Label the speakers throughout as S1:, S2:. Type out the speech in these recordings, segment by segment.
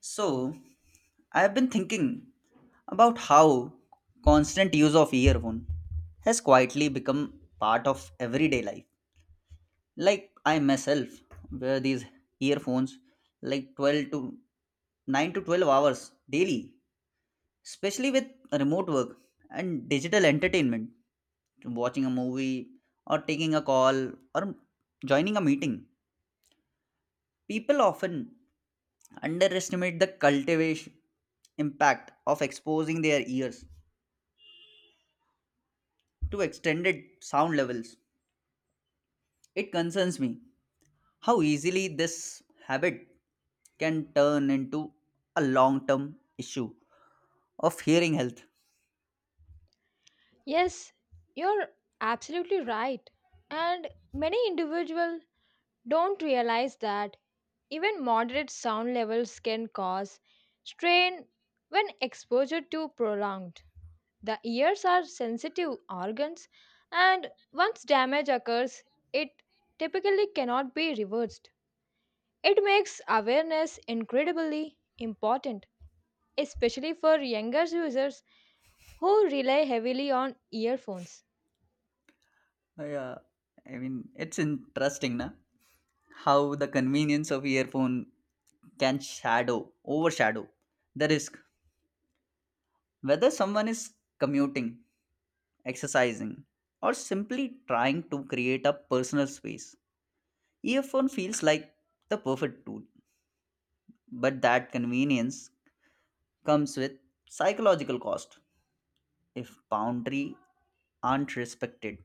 S1: So, I've been thinking about how constant use of earphone has quietly become part of everyday life. Like I myself wear these earphones like 12 to 9 to 12 hours daily, especially with remote work and digital entertainment, watching a movie or taking a call or joining a meeting. People often underestimate the cultivation impact of exposing their ears to extended sound levels. It concerns me how easily this habit can turn into a long term issue of hearing health.
S2: Yes, you're absolutely right. And many individuals don't realize that even moderate sound levels can cause strain when exposure to prolonged. The ears are sensitive organs, and once damage occurs, it typically cannot be reversed. It makes awareness incredibly important, especially for younger users who rely heavily on earphones.
S1: Yeah, I mean, it's interesting na? How the convenience of earphone can overshadow the risk. Whether someone is commuting, exercising, or simply trying to create a personal space, earphone feels like the perfect tool. But that convenience comes with psychological cost if boundary aren't respected.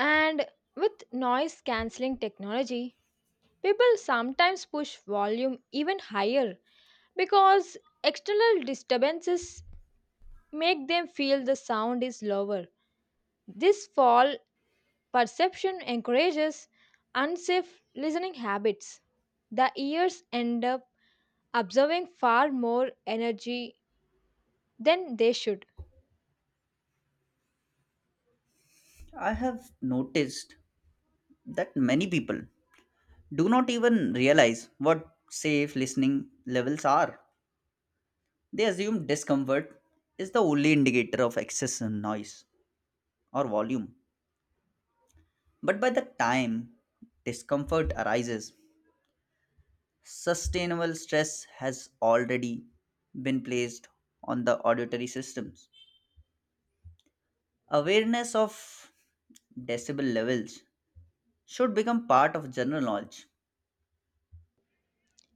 S2: And with noise cancelling technology, people sometimes push volume even higher because external disturbances make them feel the sound is lower. This fall perception encourages unsafe listening habits. The ears end up absorbing far more energy than they should.
S1: I have noticed that many people do not even realize what safe listening levels are. They assume discomfort is the only indicator of excess noise or volume. But by the time discomfort arises, sustainable stress has already been placed on the auditory systems. Awareness of decibel levels should become part of general knowledge.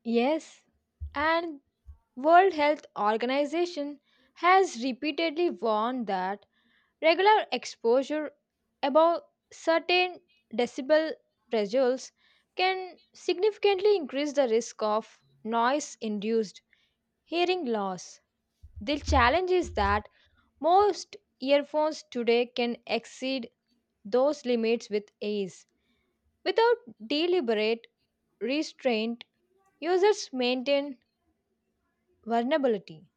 S2: Yes, and World Health Organization has repeatedly warned that regular exposure above certain decibel thresholds can significantly increase the risk of noise induced hearing loss. The challenge is that most earphones today can exceed those limits with ease. Without deliberate restraint, users maintain vulnerability.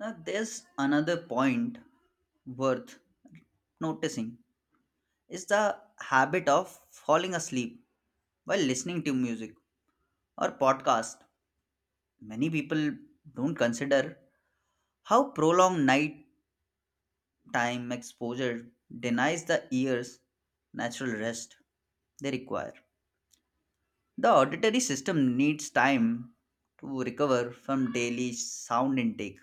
S1: Now, there's another point worth noticing is the habit of falling asleep while listening to music or podcast. Many people don't consider how prolonged night time exposure denies the ears natural rest they require. The auditory system needs time to recover from daily sound intake.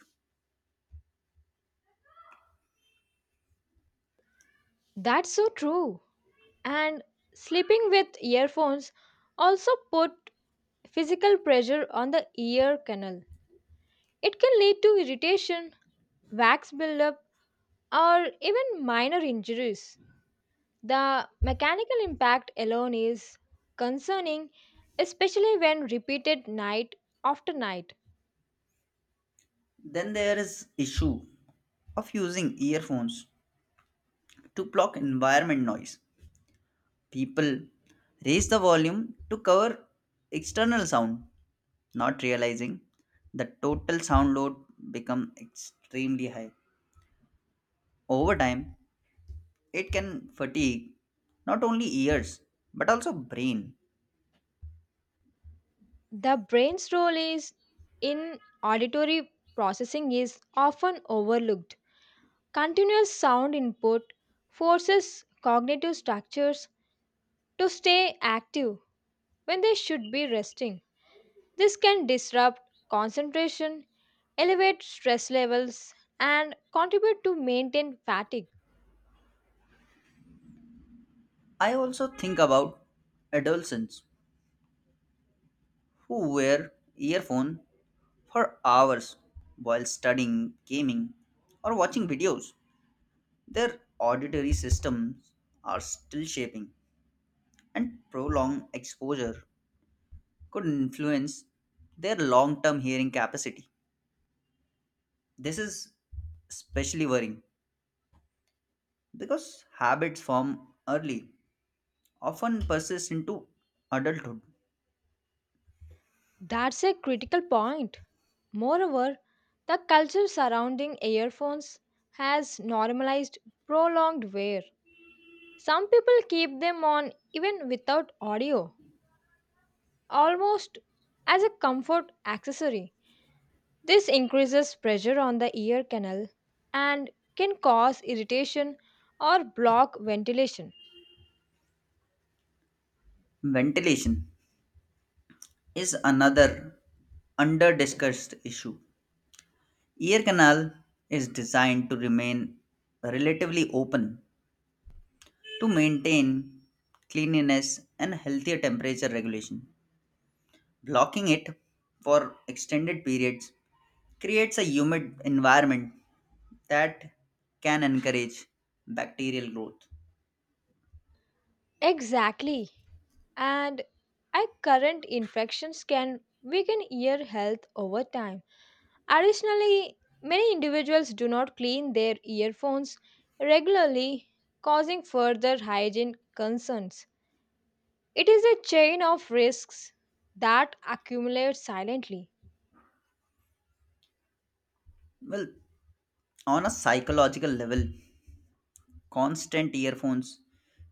S2: That's so true. And sleeping with earphones also put physical pressure on the ear canal. It can lead to irritation, wax buildup, or even minor injuries. The mechanical impact alone is concerning, especially when repeated night after night.
S1: Then there is issue of using earphones to block environment noise. People raise the volume to cover external sound, not realizing the total sound load become extremely high. Over time, it can fatigue not only ears but also brain.
S2: The brain's role is in auditory processing is often overlooked. Continuous sound input forces cognitive structures to stay active when they should be resting. This can disrupt concentration, elevate stress levels, and contribute to maintain fatigue.
S1: I also think about adolescents who wear earphone for hours while studying, gaming, or watching videos. Their auditory systems are still shaping, and prolonged exposure could influence their long-term hearing capacity. This is especially worrying because habits form early often persists into adulthood.
S2: That's a critical point. Moreover, the culture surrounding earphones has normalized prolonged wear. Some people keep them on even without audio, almost as a comfort accessory. This increases pressure on the ear canal and can cause irritation or block ventilation.
S1: Ventilation is another under discussed issue. Ear canal is designed to remain relatively open to maintain cleanliness and healthier temperature regulation. Blocking it for extended periods creates a humid environment that can encourage bacterial growth.
S2: Exactly. And our current infections can weaken ear health over time. Additionally, many individuals do not clean their earphones regularly, causing further hygiene concerns. It is a chain of risks that accumulates silently.
S1: Well, on a psychological level, constant earphones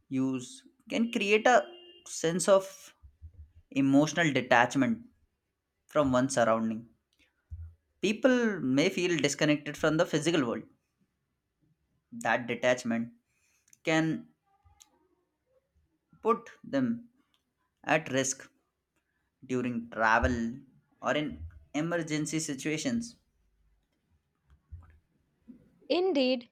S1: use can create a sense of emotional detachment from one's surrounding. People may feel disconnected from the physical world. That detachment can put them at risk during travel or in emergency situations.
S2: Indeed,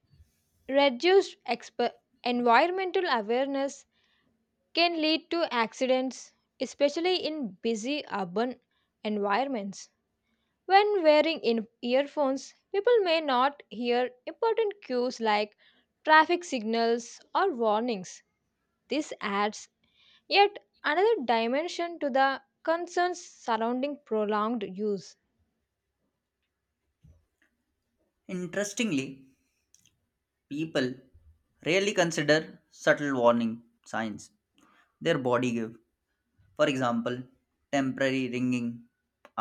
S2: reduced environmental awareness can lead to accidents, especially in busy urban environments. When wearing in earphones, people may not hear important cues like traffic signals or warnings. This adds yet another dimension to the concerns surrounding prolonged use.
S1: Interestingly, people rarely consider subtle warning signs their body give. For example, temporary ringing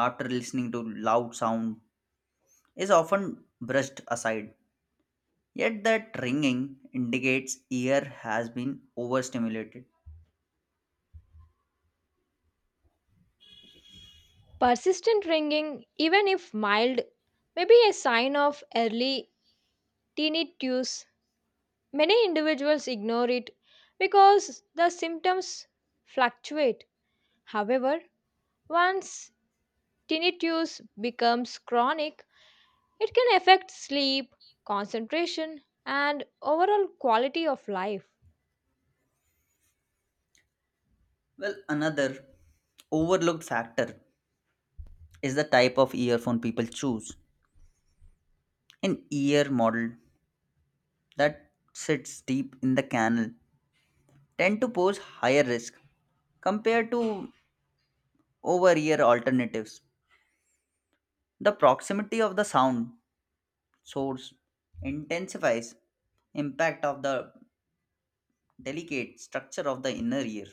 S1: after listening to loud sound is often brushed aside. Yet that ringing indicates ear has been overstimulated.
S2: Persistent ringing, even if mild, may be a sign of early tinnitus. Many individuals ignore it because the symptoms fluctuate. However, once tinnitus becomes chronic, it can affect sleep, concentration, and overall quality of life.
S1: Well, another overlooked factor is the type of earphone people choose. An ear model that sits deep in the canal tend to pose higher risk compared to over ear alternatives. The proximity of the sound source intensifies impact of the delicate structure of the inner ear.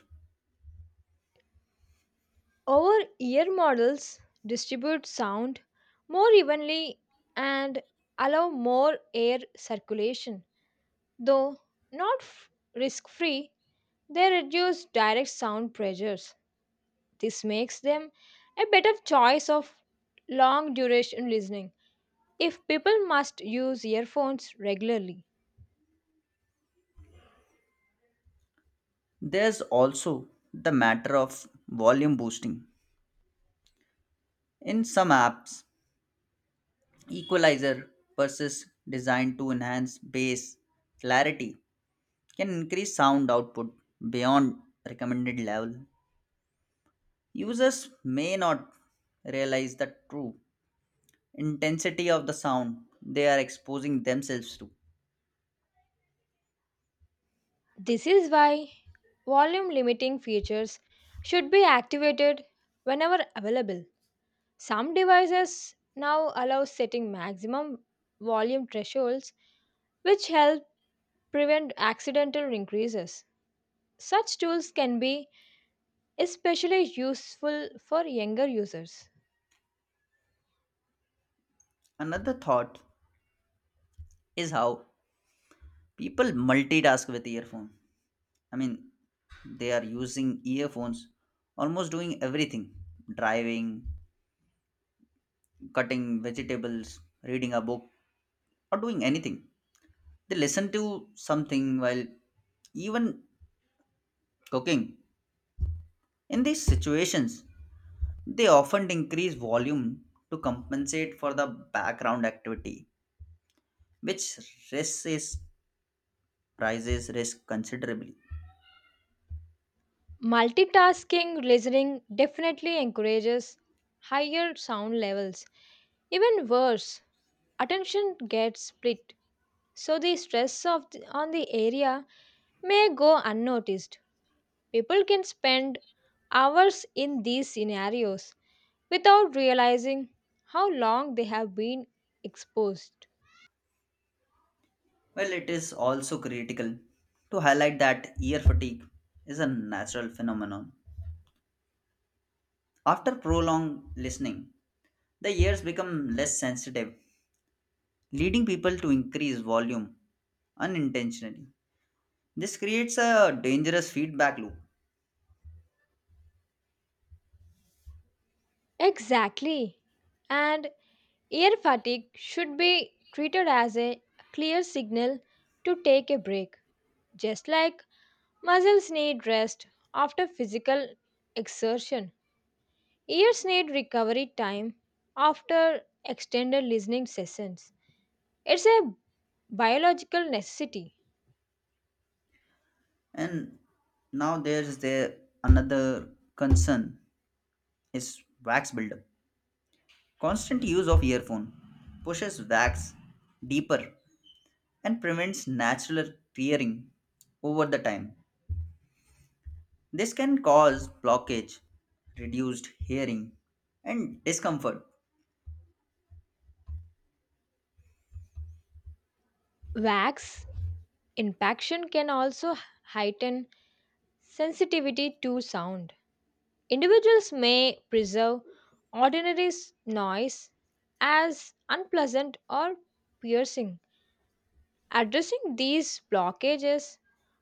S2: Our ear models distribute sound more evenly and allow more air circulation. Though not f- risk free, they reduce direct sound pressures. This makes them a better choice of long duration listening if people must use earphones regularly.
S1: There's also the matter of volume boosting. In some apps, equalizer purses designed to enhance bass clarity can increase sound output beyond recommended level. Users may not realize the true intensity of the sound they are exposing themselves to.
S2: This is why volume limiting features should be activated whenever available. Some devices now allow setting maximum volume thresholds, which help prevent accidental increases. Such tools can be especially useful for younger users.
S1: Another thought is how people multitask with earphone. I mean, they are using earphones almost doing everything: driving, cutting vegetables, reading a book, or doing anything. They listen to something while even cooking. In these situations, they often increase volume to compensate for the background activity, which raises prices risk considerably.
S2: Multitasking listening definitely encourages higher sound levels. Even worse, attention gets split so the on the area may go unnoticed. People can spend hours in these scenarios without realizing how long they have been exposed.
S1: Well, it is also critical to highlight that ear fatigue is a natural phenomenon. After prolonged listening, the ears become less sensitive, leading people to increase volume unintentionally. This creates a dangerous feedback loop.
S2: Exactly, and air fatigue should be treated as a clear signal to take a break. Just like muscles need rest after physical exertion, ears need recovery time after extended listening sessions. It's a biological necessity.
S1: And now there's the another concern is wax buildup. Constant use of earphone pushes wax deeper and prevents natural tearing over the time. This can cause blockage, reduced hearing, and discomfort.
S2: Wax impaction can also heighten sensitivity to sound. Individuals may preserve noise as unpleasant or piercing. Addressing these blockages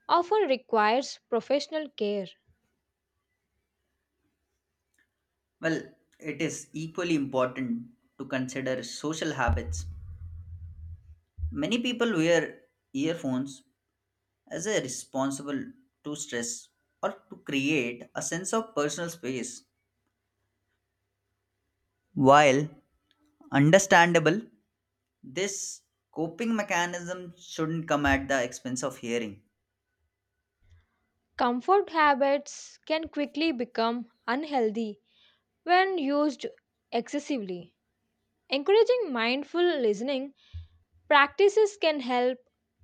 S2: often requires professional care.
S1: Well, it is equally important to consider social habits. Many people wear earphones as a responsible to stress or to create a sense of personal space. While understandable, this coping mechanism shouldn't come at the expense of hearing.
S2: Comfort habits can quickly become unhealthy when used excessively. Encouraging mindful listening practices can help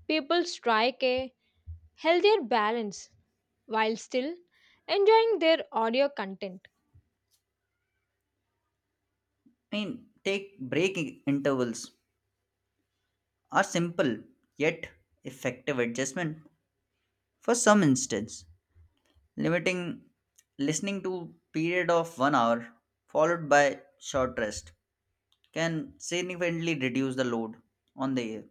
S2: people strike a healthier balance while still enjoying their audio content.
S1: I mean, take break intervals. A simple yet effective adjustment, for some instance limiting listening to period of 1 hour followed by short rest, can significantly reduce the load on the ear.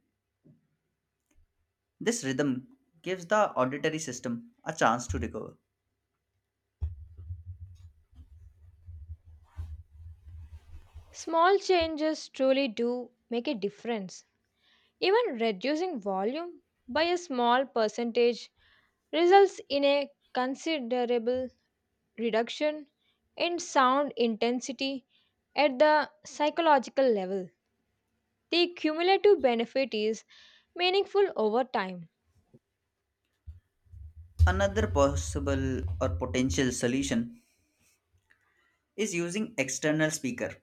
S1: This rhythm gives the auditory system a chance to recover.
S2: Small changes truly do make a difference. Even reducing volume by a small percentage results in a considerable reduction in sound intensity at the psychological level. The cumulative benefit is meaningful over time.
S1: Another possible or potential solution is using external speaker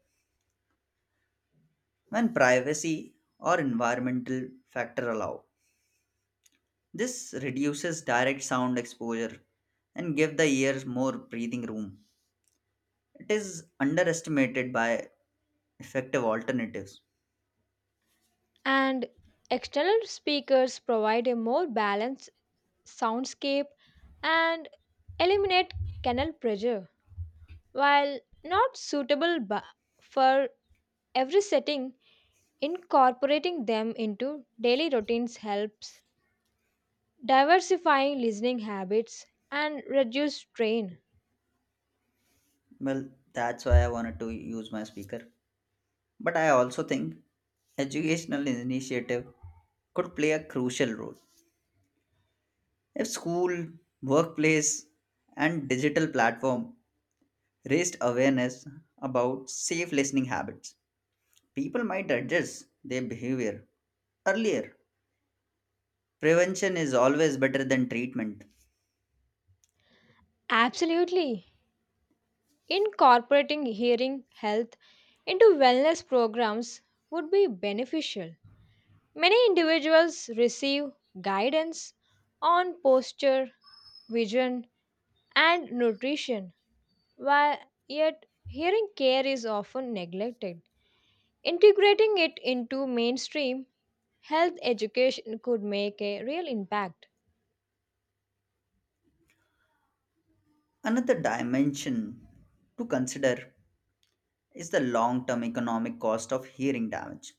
S1: when privacy or environmental factor allow. This reduces direct sound exposure and give the ears more breathing room. It is underestimated by effective alternatives.
S2: And external speakers provide a more balanced soundscape and eliminate canal pressure. While not suitable bu- for every setting, incorporating them into daily routines helps diversifying listening habits and reduce strain.
S1: Well, that's why I wanted to use my speaker. But I also think educational initiative could play a crucial role. If school, workplace, and digital platform raised awareness about safe listening habits, people might adjust their behavior earlier. Prevention is always better than treatment.
S2: Absolutely. Incorporating hearing health into wellness programs would be beneficial. Many individuals receive guidance on posture, vision, and nutrition, while yet hearing care is often neglected. Integrating it into mainstream health education could make a real impact.
S1: Another dimension to consider is the long term economic cost of hearing damage.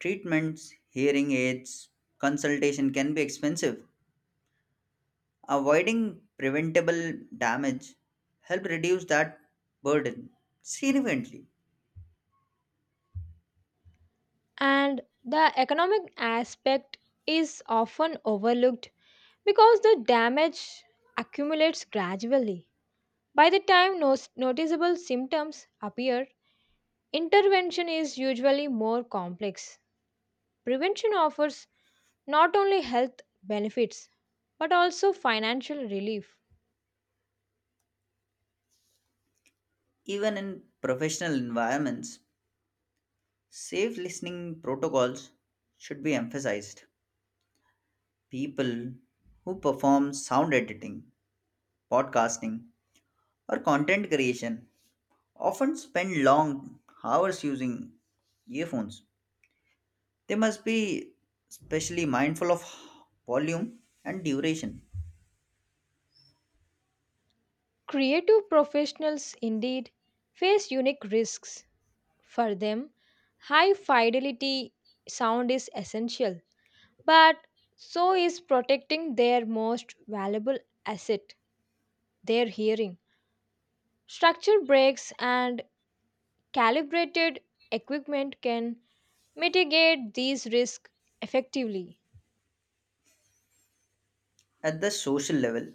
S1: Treatments, hearing aids, consultation can be expensive. Avoiding preventable damage helps reduce that burden significantly.
S2: And the economic aspect is often overlooked because the damage accumulates gradually. By the time noticeable symptoms appear, intervention is usually more complex. Prevention offers not only health benefits but also financial relief.
S1: Even in professional environments, safe listening protocols should be emphasized. People who perform sound editing, podcasting, or content creation often spend long hours using earphones. They must be especially mindful of volume and duration.
S2: Creative professionals indeed face unique risks. For them, high fidelity sound is essential, but so is protecting their most valuable asset, their hearing. Structure breaks and calibrated equipment can mitigate these risks effectively.
S1: At the social level,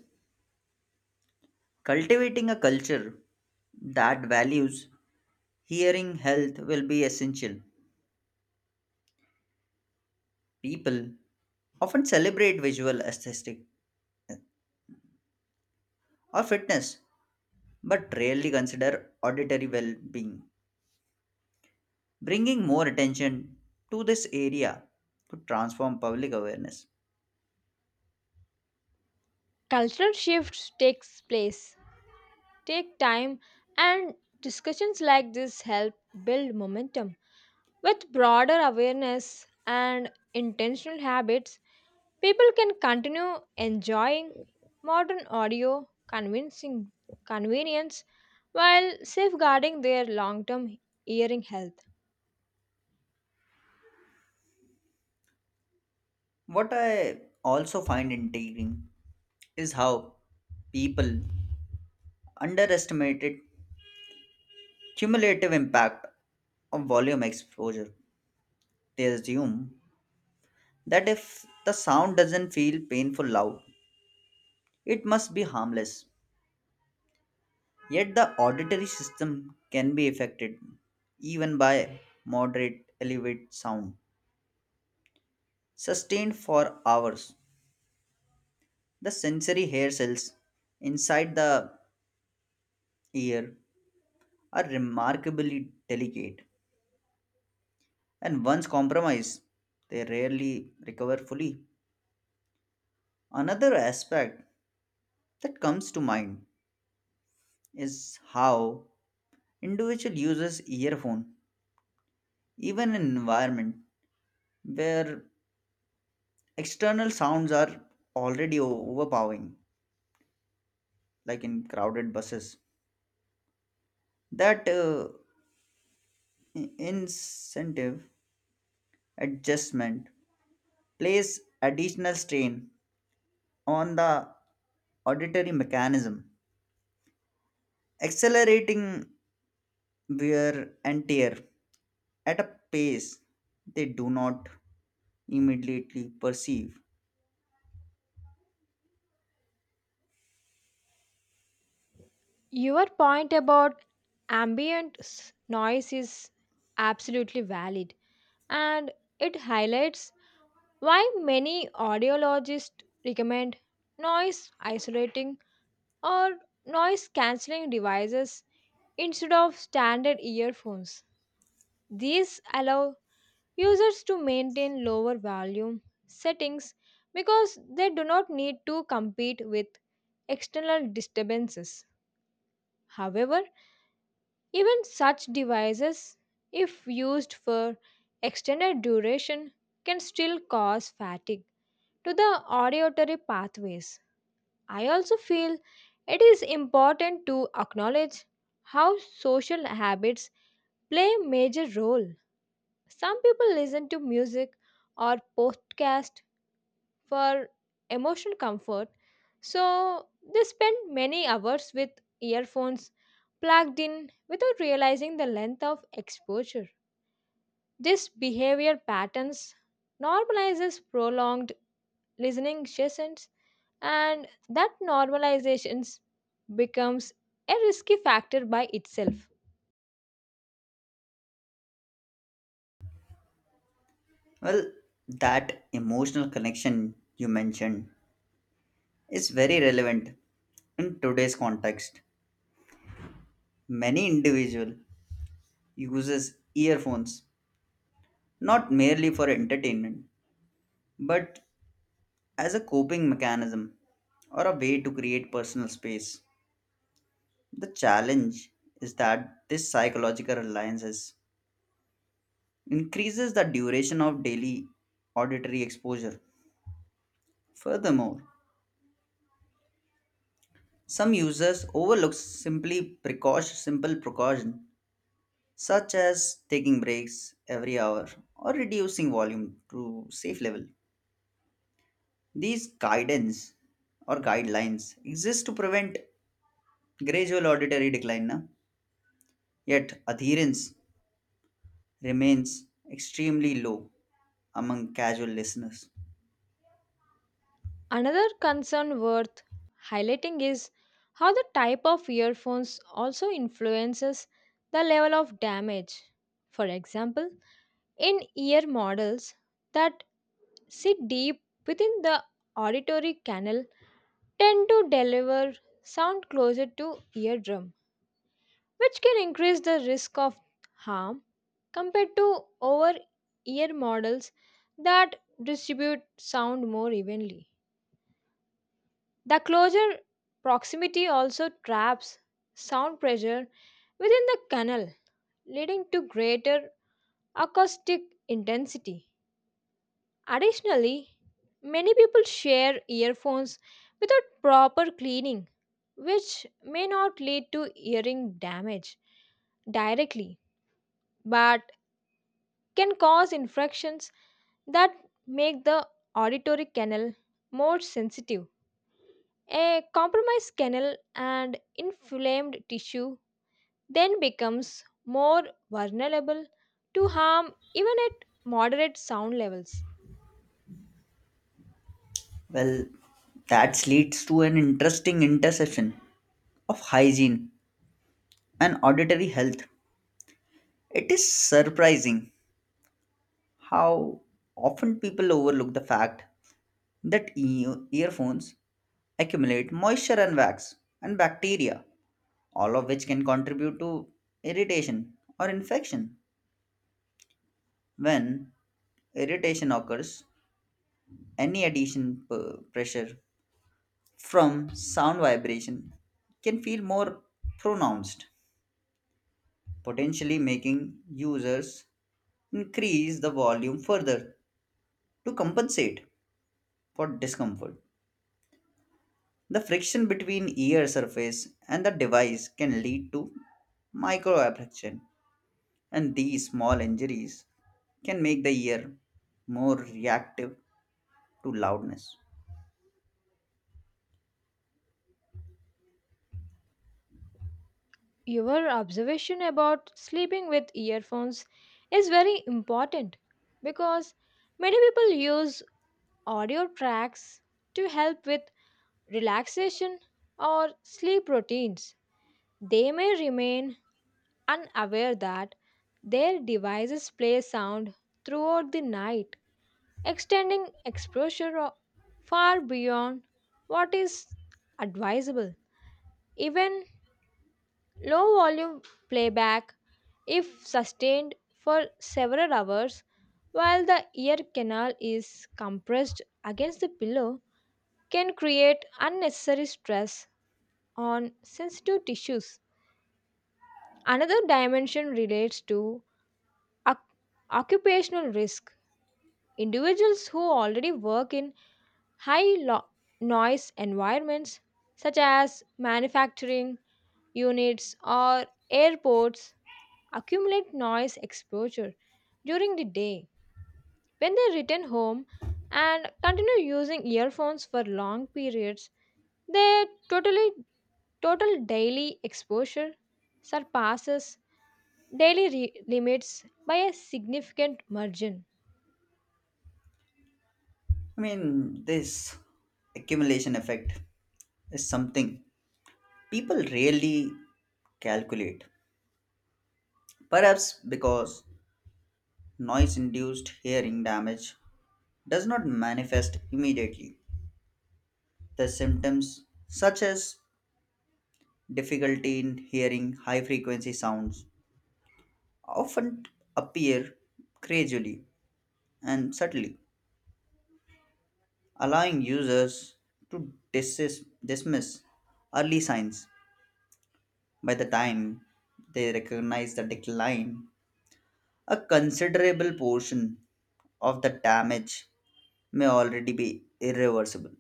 S1: cultivating a culture that values hearing health will be essential. People often celebrate visual aesthetic or fitness but rarely consider auditory well-being. Bringing more attention to this area could transform public awareness.
S2: Cultural shifts takes place, take time, and discussions like this help build momentum. With broader awareness and intentional habits, people can continue enjoying modern audio convincing convenience while safeguarding their long-term hearing health.
S1: What I also find intriguing is how people underestimated cumulative impact of volume exposure. They assume that if the sound doesn't feel painful loud, it must be harmless. Yet the auditory system can be affected even by moderate elevated sound sustained for hours. The sensory hair cells inside the ear are remarkably delicate, and once compromised, they rarely recover fully. Another aspect that comes to mind is how individual uses earphone, even in an environment where external sounds are already overpowering, like in crowded buses. That incentive adjustment plays additional strain on the auditory mechanism, accelerating wear and tear at a pace they do not immediately perceive.
S2: Your point about ambient s- noise is absolutely valid, and it highlights why many audiologists recommend noise isolating or noise cancelling devices instead of standard earphones. These allow users to maintain lower volume settings because they do not need to compete with external disturbances. However, even such devices, if used for extended duration, can still cause fatigue to the auditory pathways. I also feel it is important to acknowledge how social habits play a major role. Some people listen to music or podcast for emotional comfort, so they spend many hours with earphones plugged in without realizing the length of exposure. This behavior patterns normalizes prolonged listening sessions, and that normalization becomes a risky factor by itself.
S1: Well, that emotional connection you mentioned is very relevant in today's context. Many individual uses earphones not merely for entertainment but as a coping mechanism or a way to create personal space. The challenge is that this psychological reliance increases the duration of daily auditory exposure. Furthermore, some users overlook simple precaution such as taking breaks every hour or reducing volume to safe level. These guidance or guidelines exist to prevent gradual auditory decline, na? Yet adherence remains extremely low among casual listeners.
S2: Another concern worth highlighting is how the type of earphones also influences the level of damage. For example, in ear models that sit deep within the auditory canal tend to deliver sound closer to eardrum, which can increase the risk of harm compared to over ear models that distribute sound more evenly. The closer proximity also traps sound pressure within the canal, leading to greater acoustic intensity. Additionally, many people share earphones without proper cleaning, which may not lead to hearing damage directly but can cause infections that make the auditory canal more sensitive. A compromised canal and inflamed tissue then becomes more vulnerable to harm even at moderate sound levels.
S1: Well, that leads to an interesting intersection of hygiene and auditory health. It is surprising how often people overlook the fact that earphones accumulate moisture and wax and bacteria, all of which can contribute to irritation or infection. When irritation occurs, any addition pressure from sound vibration can feel more pronounced, potentially making users increase the volume further to compensate for discomfort. The friction between ear surface and the device can lead to microabrasion, and these small injuries can make the ear more reactive to loudness.
S2: Your observation about sleeping with earphones is very important because many people use audio tracks to help with relaxation or sleep routines. They may remain unaware that their devices play sound throughout the night, extending far beyond what is advisable. Even low volume playback, if sustained for several hours while the ear canal is compressed against the pillow, can create unnecessary stress on sensitive tissues. Another dimension relates to Oc- occupational risk. Individuals who already work in high lo- noise environments, such as manufacturing units or airports, accumulate noise exposure during the day. When they return home and continue using earphones for long periods, their total daily exposure surpasses daily limits by a significant margin.
S1: I mean, this accumulation effect is something people rarely calculate, perhaps because noise induced hearing damage does not manifest immediately. The symptoms, such as difficulty in hearing high frequency sounds, often appear gradually and subtly, allowing users to dismiss early signs. By the time they recognize the decline, a considerable portion of the damage may already be irreversible.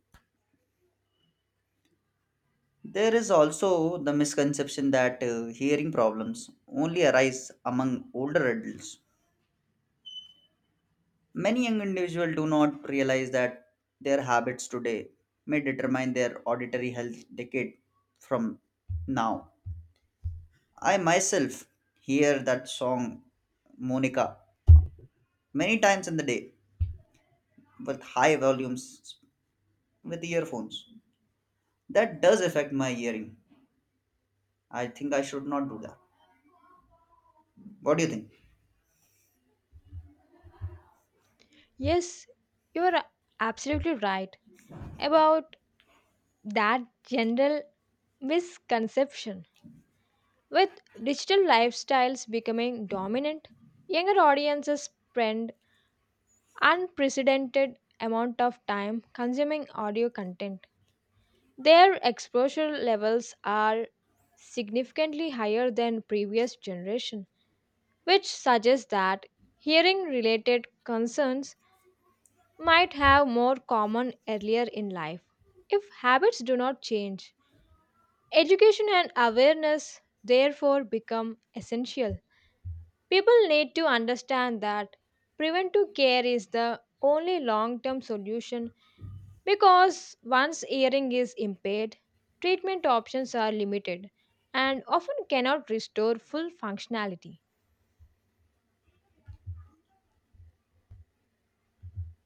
S1: There is also the misconception that hearing problems only arise among older adults. Many young individuals do not realize that their habits today may determine their auditory health decade from now. I myself hear that song Monica many times in the day with high volumes with earphones. That does affect my hearing. I think I should not do that. What do you think?
S2: Yes, you're absolutely right about that general misconception. With digital lifestyles becoming dominant, younger audiences spend unprecedented amount of time consuming audio content. Their exposure levels are significantly higher than previous generation, which suggests that hearing related concerns might have more common earlier in life. If habits do not change, education and awareness therefore become essential. People need to understand that preventive care is the only long term solution because once hearing is impaired, treatment options are limited and often cannot restore full functionality.